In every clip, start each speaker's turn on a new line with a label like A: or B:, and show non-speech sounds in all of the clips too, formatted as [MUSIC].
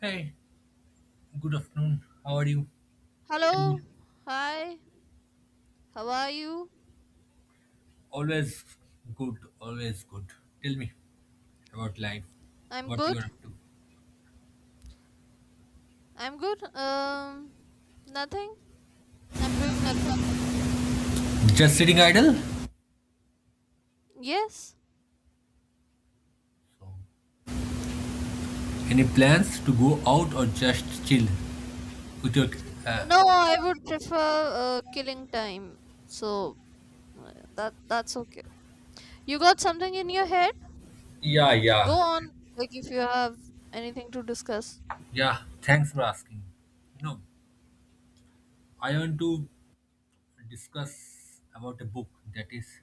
A: Hey, good afternoon. How are you? Tell me.
B: Hello. Hi. How are you?
A: Always good, always good. Tell me about life,
B: I'm
A: what you are
B: good.
A: up to.
B: I'm good. Nothing. I'm doing nothing.
A: Just sitting idle?
B: Yes.
A: So, any plans to go out or just chill? With uh,
B: No, I would prefer killing time. So that's okay. You got something in your head?
A: yeah,
B: Go
A: yeah.
B: on. Like if you have anything to discuss.
A: Yeah, thanks for asking. You know, I want to discuss about a book that is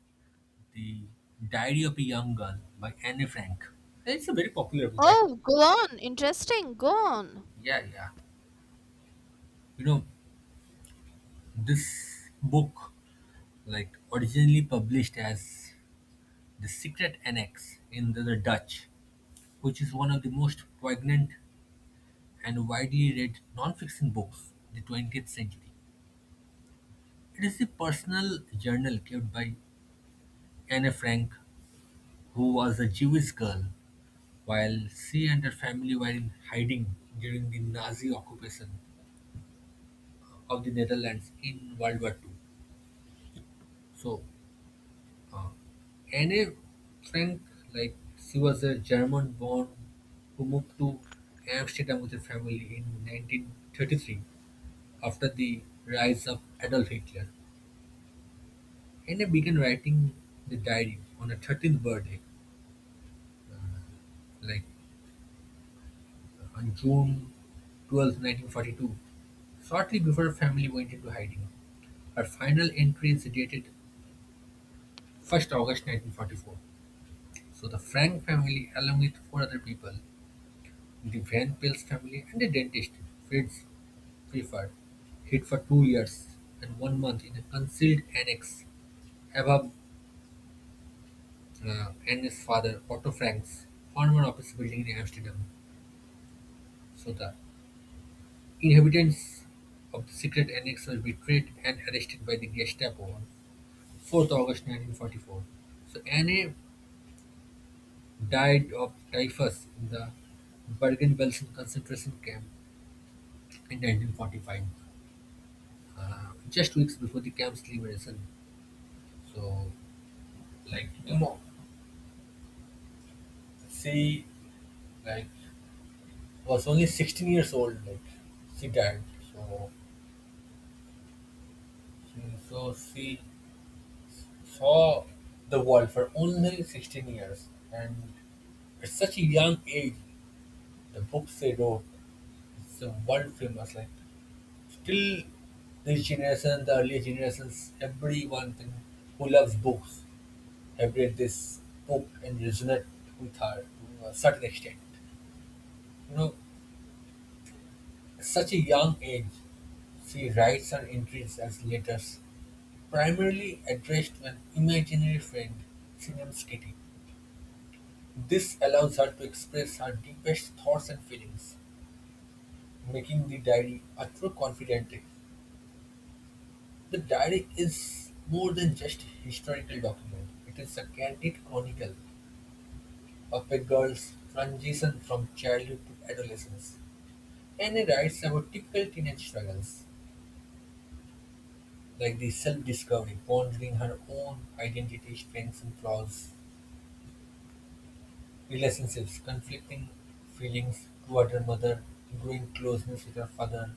A: The Diary of a Young Girl by Anne Frank. It's a very popular book, I think.
B: Oh, go on. Interesting. Go on.
A: Yeah, yeah. You know, This book, like originally published as The Secret Annex in the Dutch, which is one of the most poignant and widely read non-fiction books of the 20th century. It is a personal journal kept by Anne Frank, who was a Jewish girl, while she and her family were in hiding during the Nazi occupation of the Netherlands in World War II. So Anne Frank, like she was a German-born who moved to Amsterdam with her family in 1933 after the rise of Adolf Hitler. Anne began writing the diary on her 13th birthday, like on June 12, 1942, shortly before her family went into hiding. Her final entry is dated 1st August 1944. So the Frank family, along with four other people, the Van Pels family and a dentist, Fritz Pfeffer, hid for 2 years and 1 month in a concealed annex above Anne's father, Otto Frank's former office building in Amsterdam. So the inhabitants of the secret annex were betrayed and arrested by the Gestapo on 4th August 1944. So Anne died of typhus in the Bergen-Belsen concentration camp in 1945, just weeks before the camp's liberation. So, like, you know, she like was only 16 years old. Like, she died. So, she, she saw the world for only 16 years, and at such a young age, the books they wrote, it's a world famous. Like, still, this generation, the earlier generations, everyone thing who loves books have read this book and resonate with her to a certain extent. You know, such a young age, she writes her entries as letters, primarily addressed to an imaginary friend she names Kitty. This allows her to express her deepest thoughts and feelings, making the diary a true confidante. The diary is more than just a historical document, it is a candid chronicle of a girl's transition from childhood to adolescence. And it writes about typical teenage struggles like the self-discovery, pondering her own identity, strengths and flaws, relationships, conflicting feelings toward her mother, growing closeness with her father,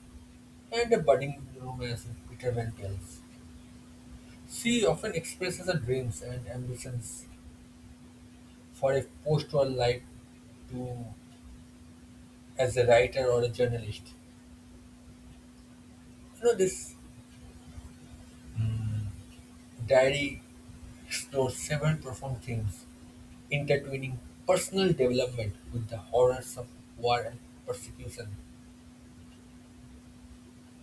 A: and a budding romance with Peter Van Tels. She often expresses her dreams and ambitions for a post-war life to as a writer or a journalist. You know this Diary explores several profound themes, intertwining personal development with the horrors of war and persecution,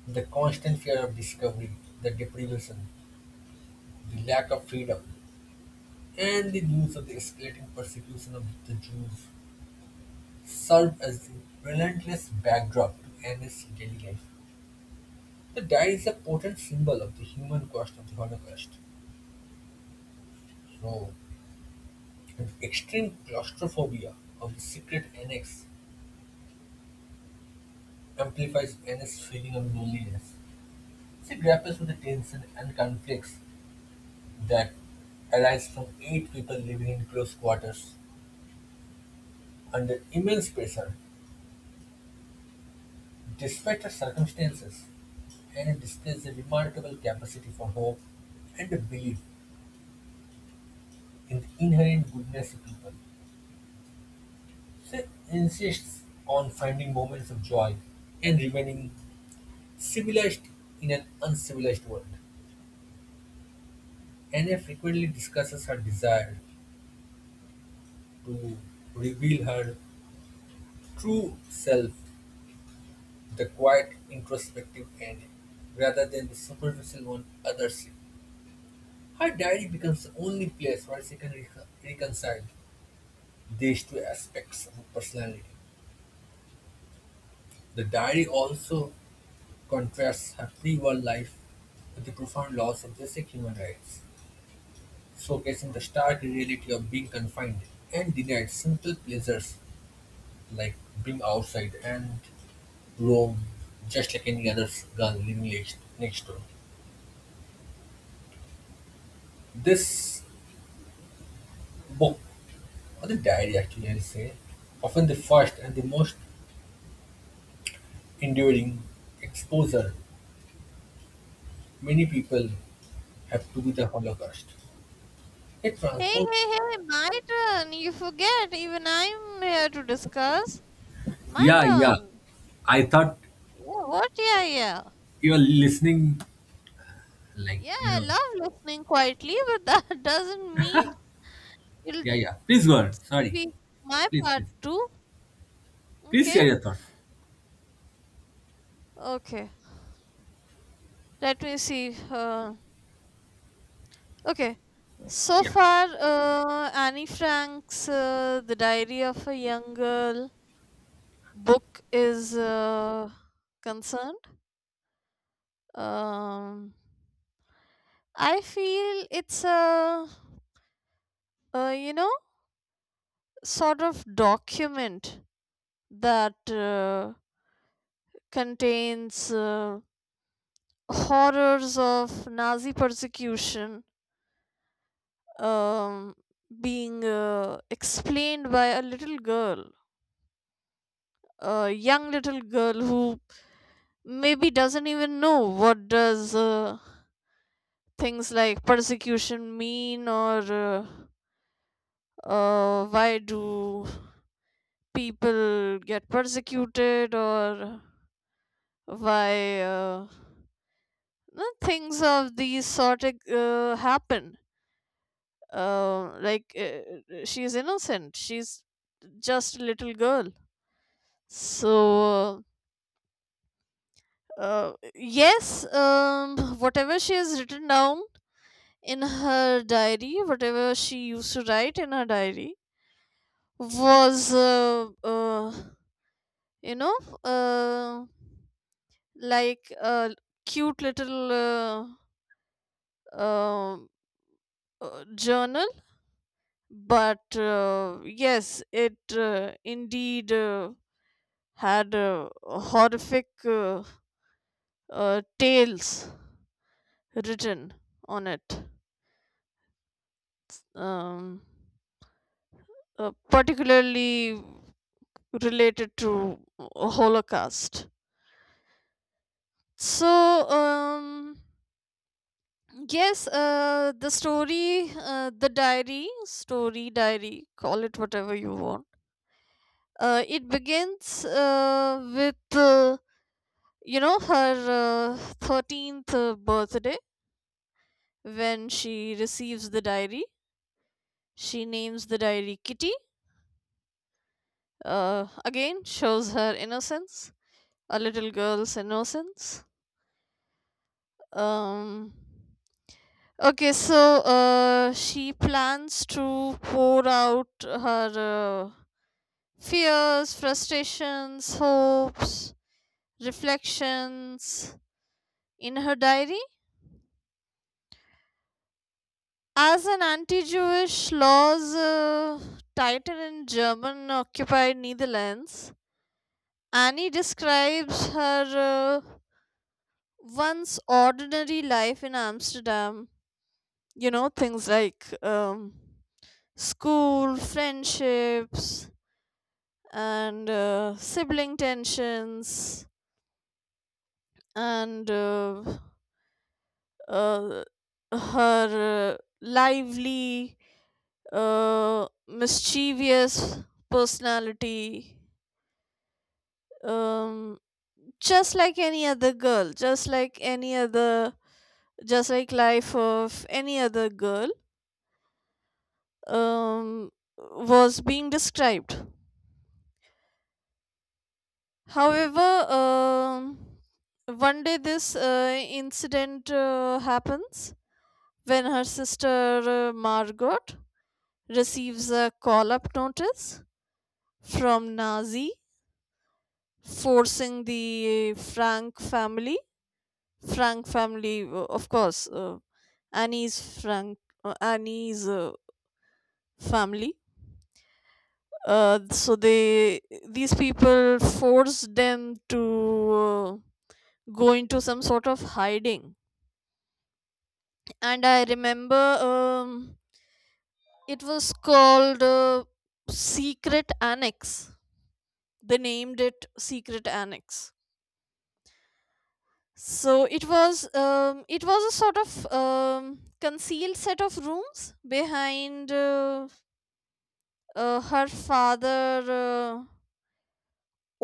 A: the constant fear of discovery, the deprivation, the lack of freedom, and the news of the escalating persecution of the Jews served as the relentless backdrop to Anna's daily life. The diary is a potent symbol of the human cost of the Holocaust. So, and extreme claustrophobia of the secret annex amplifies Anna's feeling of loneliness. She grapples with the tension and conflicts that arise from eight people living in close quarters under immense pressure. Despite her circumstances, Annie displays a remarkable capacity for hope and a belief in the inherent goodness of people. She insists on finding moments of joy and remaining civilized in an uncivilized world. Anna frequently discusses her desire to reveal her true self, the quiet, introspective Annie, rather than the superficial one others see. Her diary becomes the only place where she can reconcile these two aspects of her personality. The diary also contrasts her free world life with the profound laws of basic human rights, showcasing the stark reality of being confined and denied simple pleasures like being outside and roam just like any other gun living next door. This book, or the diary actually, I'll say, often the first and the most enduring exposure many people have to be the Holocaust. It
B: Hey,
A: transforms.
B: hey, hey, my turn. You forget. Even I'm here to discuss. My
A: Yeah, yeah.
B: turn.
A: I thought
B: Yeah, what? Yeah, yeah.
A: you were listening, like,
B: Yeah, I love listening quietly, but that [LAUGHS] doesn't mean it'll
A: Yeah, yeah. Please go on. Sorry.
B: be my
A: Please,
B: part
A: please.
B: too.
A: Please
B: Okay,
A: share your thoughts.
B: okay. Let me see. Okay. So
A: Yeah.
B: far, Annie Frank's The Diary of a Young Girl book is concerned. Um, I feel it's a, uh, you know, sort of document that contains. Horrors of Nazi persecution, um, being explained by a little girl, a young little girl who maybe doesn't even know what does things like persecution mean, or why do people get persecuted, or why no, things of these sort of, happen, like she's innocent, she's just a little girl. So yes, whatever she has written down in her diary, whatever she used to write in her diary was you know uh, like a cute little um, journal, but yes, it indeed had horrific tales written on it, um, particularly related to Holocaust. So, yes, the story, the diary, story diary, call it whatever you want. It begins with her 13th birthday when she receives the diary. She names the diary Kitty. Again, shows her innocence, a little girl's innocence. Um, okay, so she plans to pour out her fears, frustrations, hopes, reflections in her diary. As an anti Jewish laws tighten in German occupied Netherlands, Annie describes her one's ordinary life in Amsterdam, you know, things like school, friendships, and sibling tensions, and uh, her lively, mischievous personality. Um, just like any other girl, just like any other, just like life of any other girl, um, was being described. However, one day this incident happens, when her sister Margot receives a call up notice from Nazi, forcing the Frank family. Frank family, of course, Annie's Frank, Annie's family, so they, these people forced them to uh, go into some sort of hiding. And I remember, um, it was called secret annex, they named it secret annex. So it was it was a sort of concealed set of rooms behind her father uh,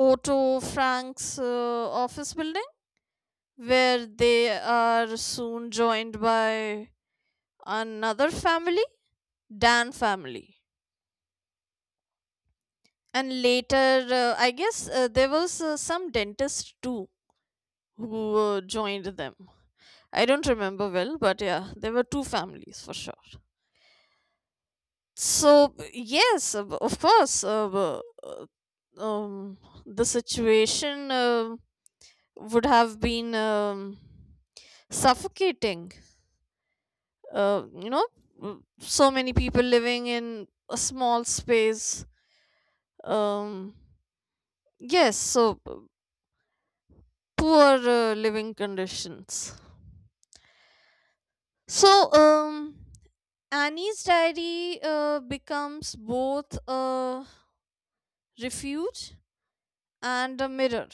B: Otto Frank's office building, where they are soon joined by another family, Dan family. And later, I guess there was some dentist too, who joined them. I don't remember well, but yeah, there were two families for sure. So, yes, of course, uh, um, the situation would have been suffocating, uh, you know so many people living in a small space, um yes. So poor living conditions. So um Annie's diary becomes both a refuge and a mirror,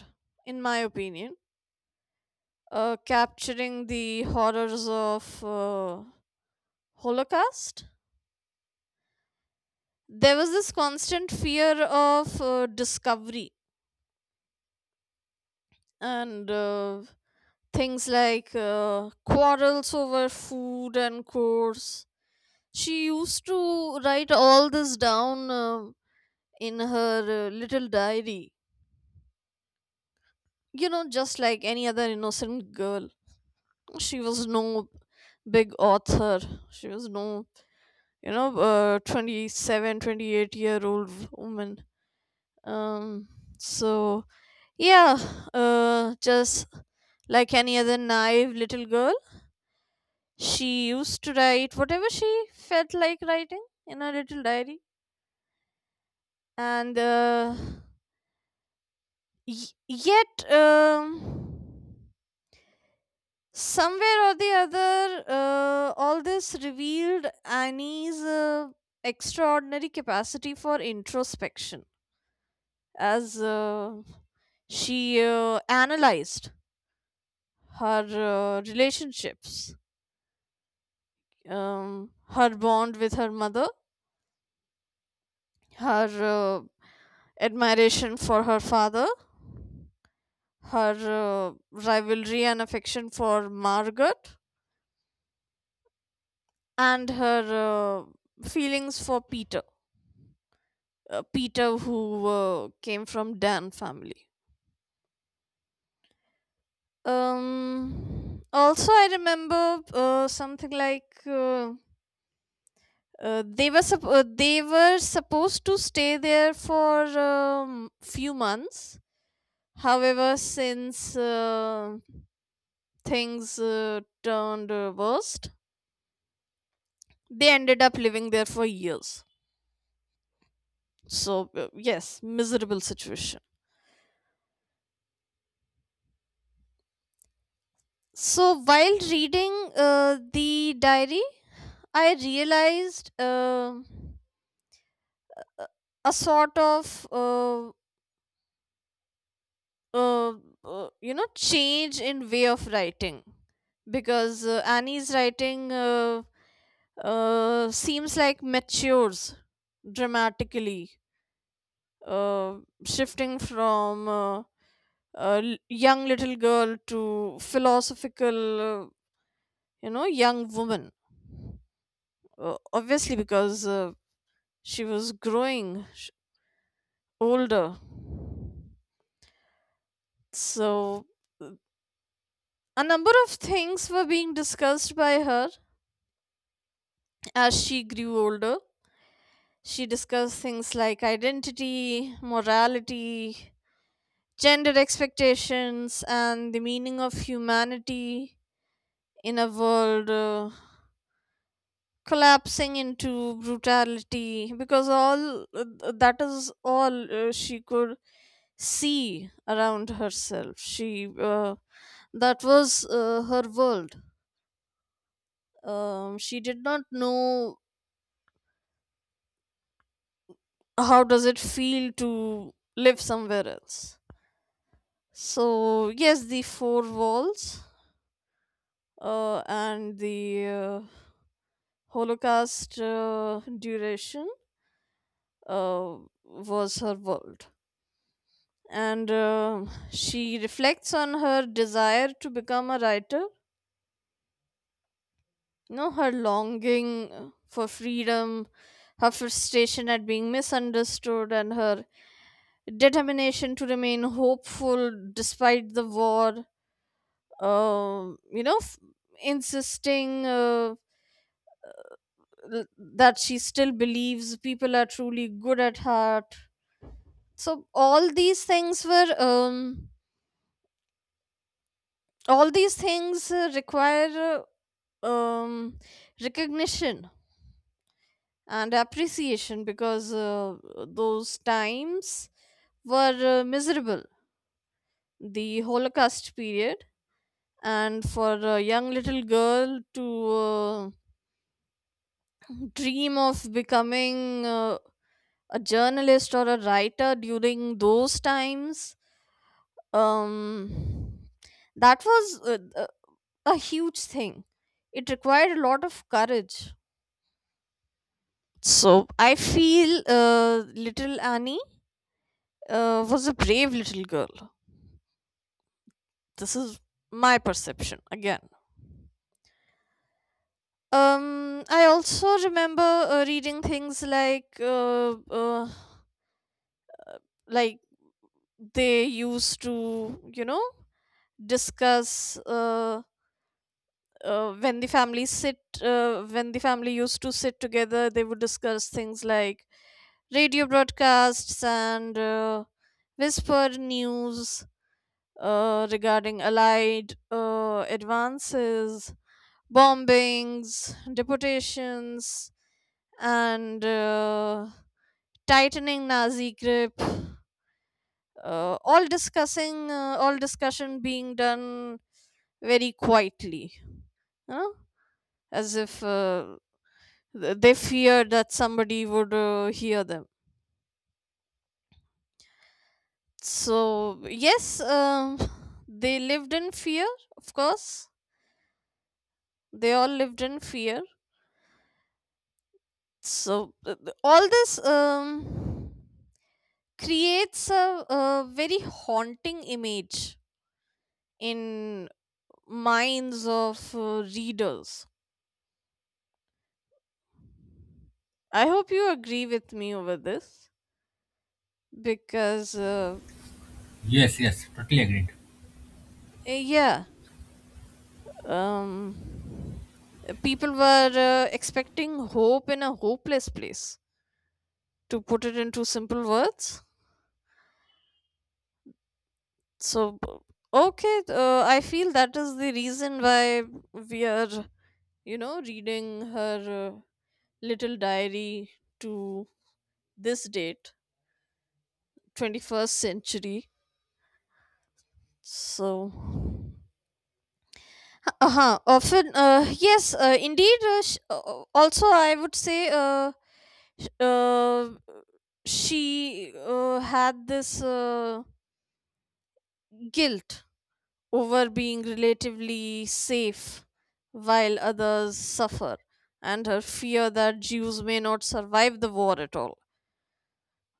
B: in my opinion, capturing the horrors of Holocaust. There was this constant fear of discovery, and things like quarrels over food and chores. She used to write all this down in her little diary. You know, just like any other innocent girl. She was no big author. She was no, 27, 28-year old woman. Um, so, yeah, just like any other naive little girl, she used to write whatever she felt like writing in her little diary, and yet, somewhere or the other, all this revealed Annie's extraordinary capacity for introspection, as she analyzed her relationships, her bond with her mother, her admiration for her father, her rivalry and affection for Margaret, and her feelings for Peter. Peter, who came from Dan family. Um. Also, I remember something like, they were supposed to stay there for few months. However, since things turned worst, they ended up living there for years. So, yes, miserable situation. So, while reading the diary, I realized a a sort of, uh, change in way of writing, because Annie's writing seems like matures dramatically, uh, shifting from young little girl to philosophical, young woman, obviously because she was growing older. So uh, a number of things were being discussed by her as she grew older. She discussed things like identity, morality, gender expectations, and the meaning of humanity in a world collapsing into brutality, because all that is all she could see around herself, she that was her world. She did not know how does it feel to live somewhere else. So yes, the four walls and the uh, Holocaust duration uh, was her world. And she reflects on her desire to become a writer, her longing for freedom, her frustration at being misunderstood, and her determination to remain hopeful despite the war, um, you know f- insisting that she still believes people are truly good at heart. So all these things require um recognition and appreciation, because those times were miserable, the Holocaust period. And for a young little girl to uh, dream of becoming a journalist or a writer during those times, um that was uh, a a huge thing. It required a lot of courage. So I feel little Annie was a brave little girl. This is my perception again. I also remember reading things like, like they used to discuss, when the family used to sit together they would discuss things like radio broadcasts and whisper news regarding allied advances, bombings, deportations, and tightening Nazi grip. All discussion being done very quietly, huh? As if they feared that somebody would hear them. So yes, they lived in fear. Of course, they all lived in fear. So all this creates a very haunting image in minds of readers. I hope you agree with me over this, because
A: Yes, yes. Totally agreed.
B: yeah, um, people were expecting hope in a hopeless place, to put it into simple words. So okay, I feel that is the reason why we are, reading her uh, little diary to this date, 21st century. So, uh-huh, often, yes, indeed. Also, I would say, sh- uh, she had this guilt over being relatively safe while others suffer, and her fear that Jews may not survive the war at all.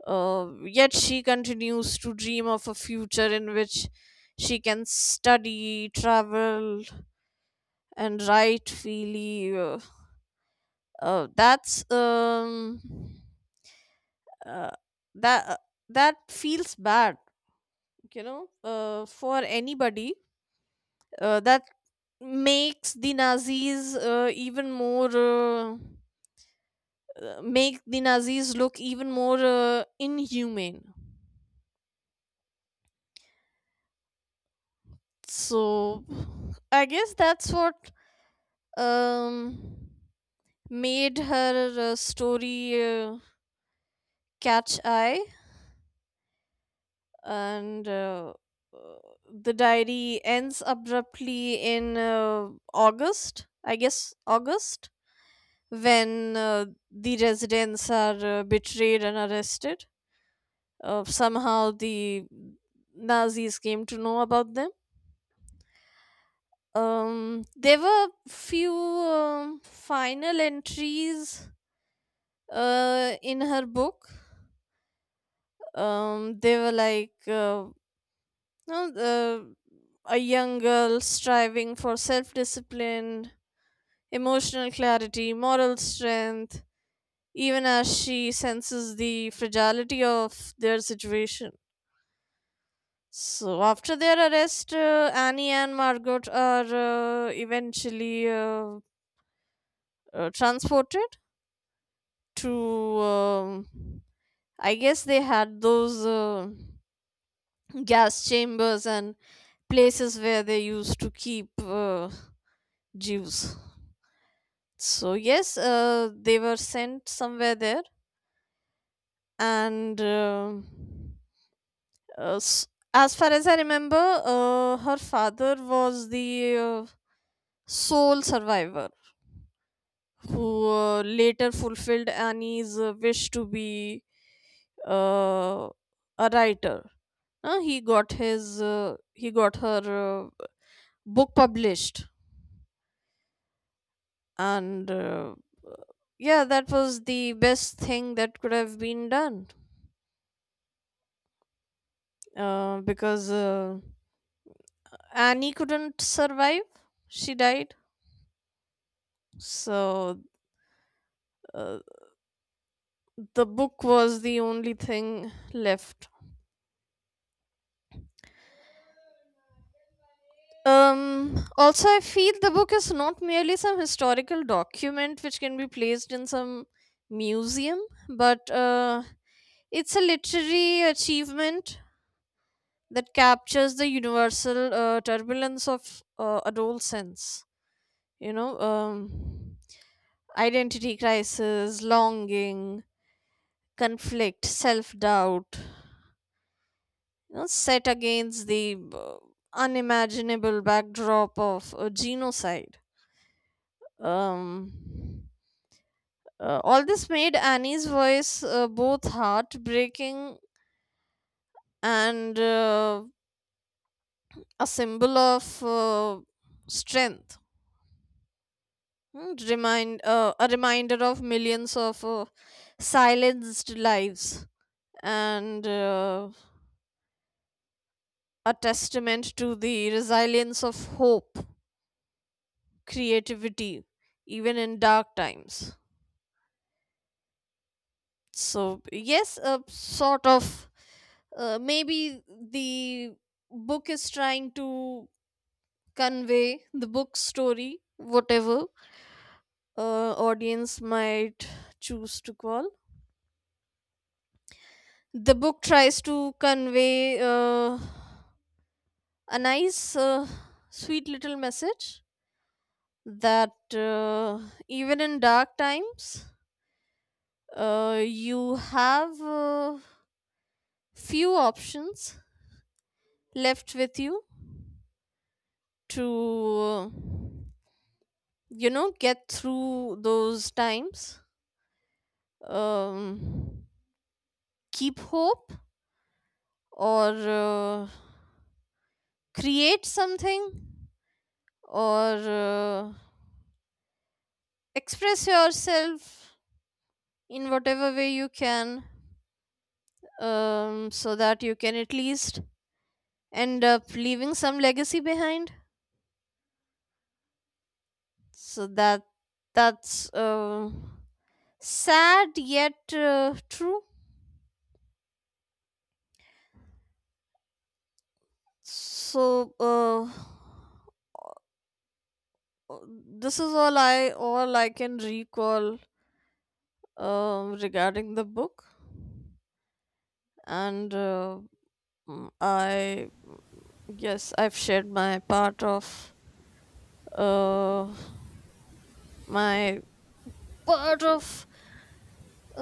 B: Yet she continues to dream of a future in which she can study, travel, and write freely. Uh, that's um, uh, that uh, that feels bad, for anybody. That makes the Nazis even more. Make the Nazis look even more inhumane. So, I guess that's what um made her story catch eye. And uh, the diary ends abruptly in August, I guess August, when the residents are betrayed and arrested. Somehow the Nazis came to know about them. There were few final entries in her book. They were like, no, a young girl striving for self discipline, emotional clarity, moral strength, even as she senses the fragility of their situation. So, after their arrest, Annie and Margot are eventually transported to, I guess they had those gas chambers and places where they used to keep uh, Jews. So, yes, they were sent somewhere there. And uh, s- as far as I remember, her father was the uh, sole survivor, who later fulfilled Annie's wish to be uh, a writer. Uh, he got his uh, he got her book published, and yeah, that was the best thing that could have been done, because Annie couldn't survive. She died. So uh, the book was the only thing left. um Also I feel the book is not merely some historical document which can be placed in some museum, but it's a literary achievement that captures the universal turbulence of adolescence. you know um, Identity crisis, longing, conflict, self-doubt, set against the unimaginable backdrop of a genocide. um, all this made Annie's voice both heartbreaking and a symbol of strength. Hmm, remind A reminder of millions of silenced lives, and a testament to the resilience of hope, creativity, even in dark times. So, yes, a sort of, maybe the book is trying to convey the book story, whatever audience might choose to call. The book tries to convey a nice, sweet little message that even in dark times, you have few options left with you to get through those times, um, keep hope, or create something, or express yourself in whatever way you can. So that you can at least end up leaving some legacy behind, so that's sad, yet true. So this is all I can recall regarding the book. And I yes, I've shared my part of, uh, my part of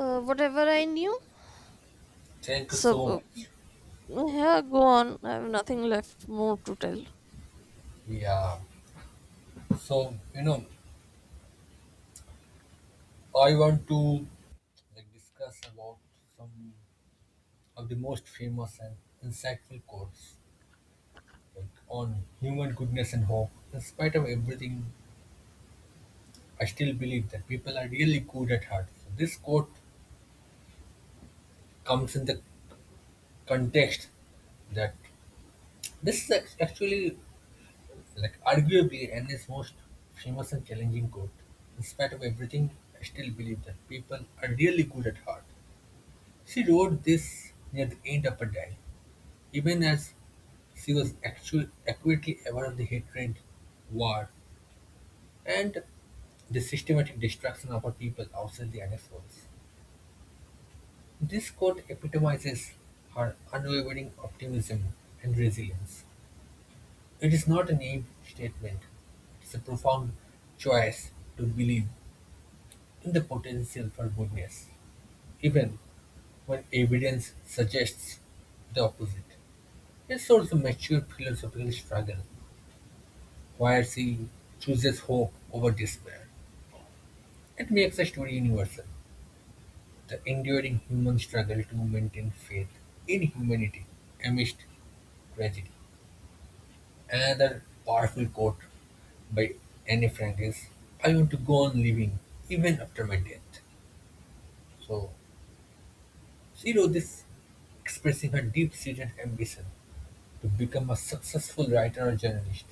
B: whatever I knew.
A: Thank you
B: So
A: so much.
B: yeah, go on. I have nothing left more to tell.
A: Yeah. So, you know, I want to like discuss about some of the most famous and insightful quotes like on human goodness and hope. In spite of everything, I still believe that people are really good at heart. So this quote comes in the context that this is actually like arguably and is most famous and challenging quote. In spite of everything, I still believe that people are really good at heart. She wrote this near the end of her diary, even as she was actually accurately aware of the hatred, war, and the systematic destruction of her people outside the annexed walls. This quote epitomizes her unwavering optimism and resilience. It is not a naive statement, it's a profound choice to believe in the potential for goodness, even when evidence suggests the opposite. It's also a mature philosophical struggle where she chooses hope over despair. It makes the story universal, the enduring human struggle to maintain faith in humanity amidst tragedy. Another powerful quote by Anne Frank is, I want to go on living even after my death. So she wrote this expressing her deep-seated ambition to become a successful writer or journalist.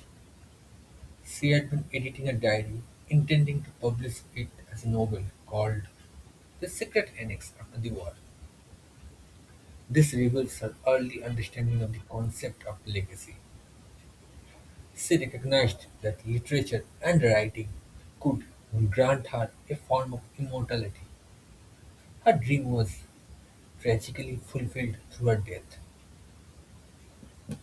A: She had been editing a diary, intending to publish it as a novel called The Secret Annex after the war. This reveals her early understanding of the concept of legacy. She recognized that literature and writing could grant her a form of immortality. Her dream was tragically fulfilled through her death,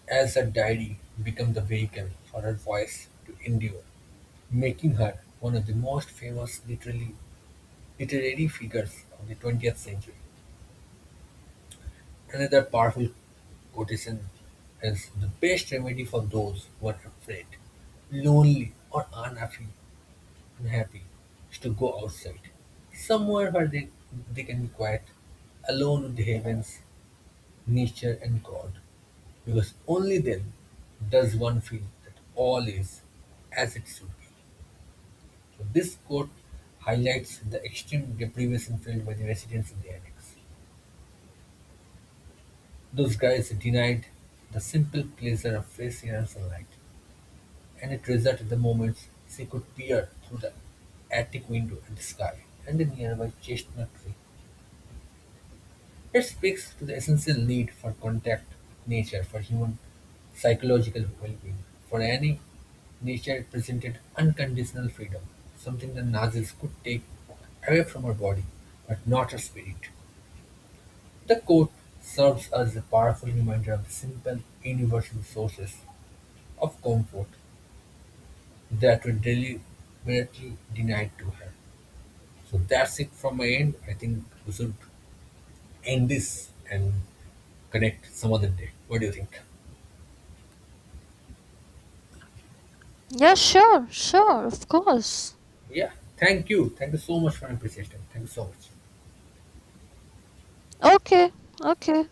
A: as her diary became the vehicle for her voice to endure, making her one of the most famous Literary figures of the 20th century. Another powerful quotation is "The best remedy for those who are afraid, lonely, or unhappy is to go outside, somewhere where they can be quiet, alone with the heavens, nature, and God, because only then does one feel that all is as it should be." So this quote highlights the extreme deprivation felt by the residents in the annex. Those guys denied the simple pleasure of fresh air and sunlight, and it treasured the moments she could peer through the attic window at the sky and the nearby chestnut tree. It speaks to the essential need for contact with nature for human psychological well being. For Annie, nature presented unconditional freedom, something the Nazis could take away from her body, but not her spirit. The quote serves as a powerful reminder of the simple universal sources of comfort that were deliberately denied to her. So that's it from my end. I think we should end this and connect some other day. What do you think?
B: Yeah, sure, sure, of course.
A: Yeah. Thank you. Thank you so much for your appreciation. Thank you so much.
B: Okay, okay.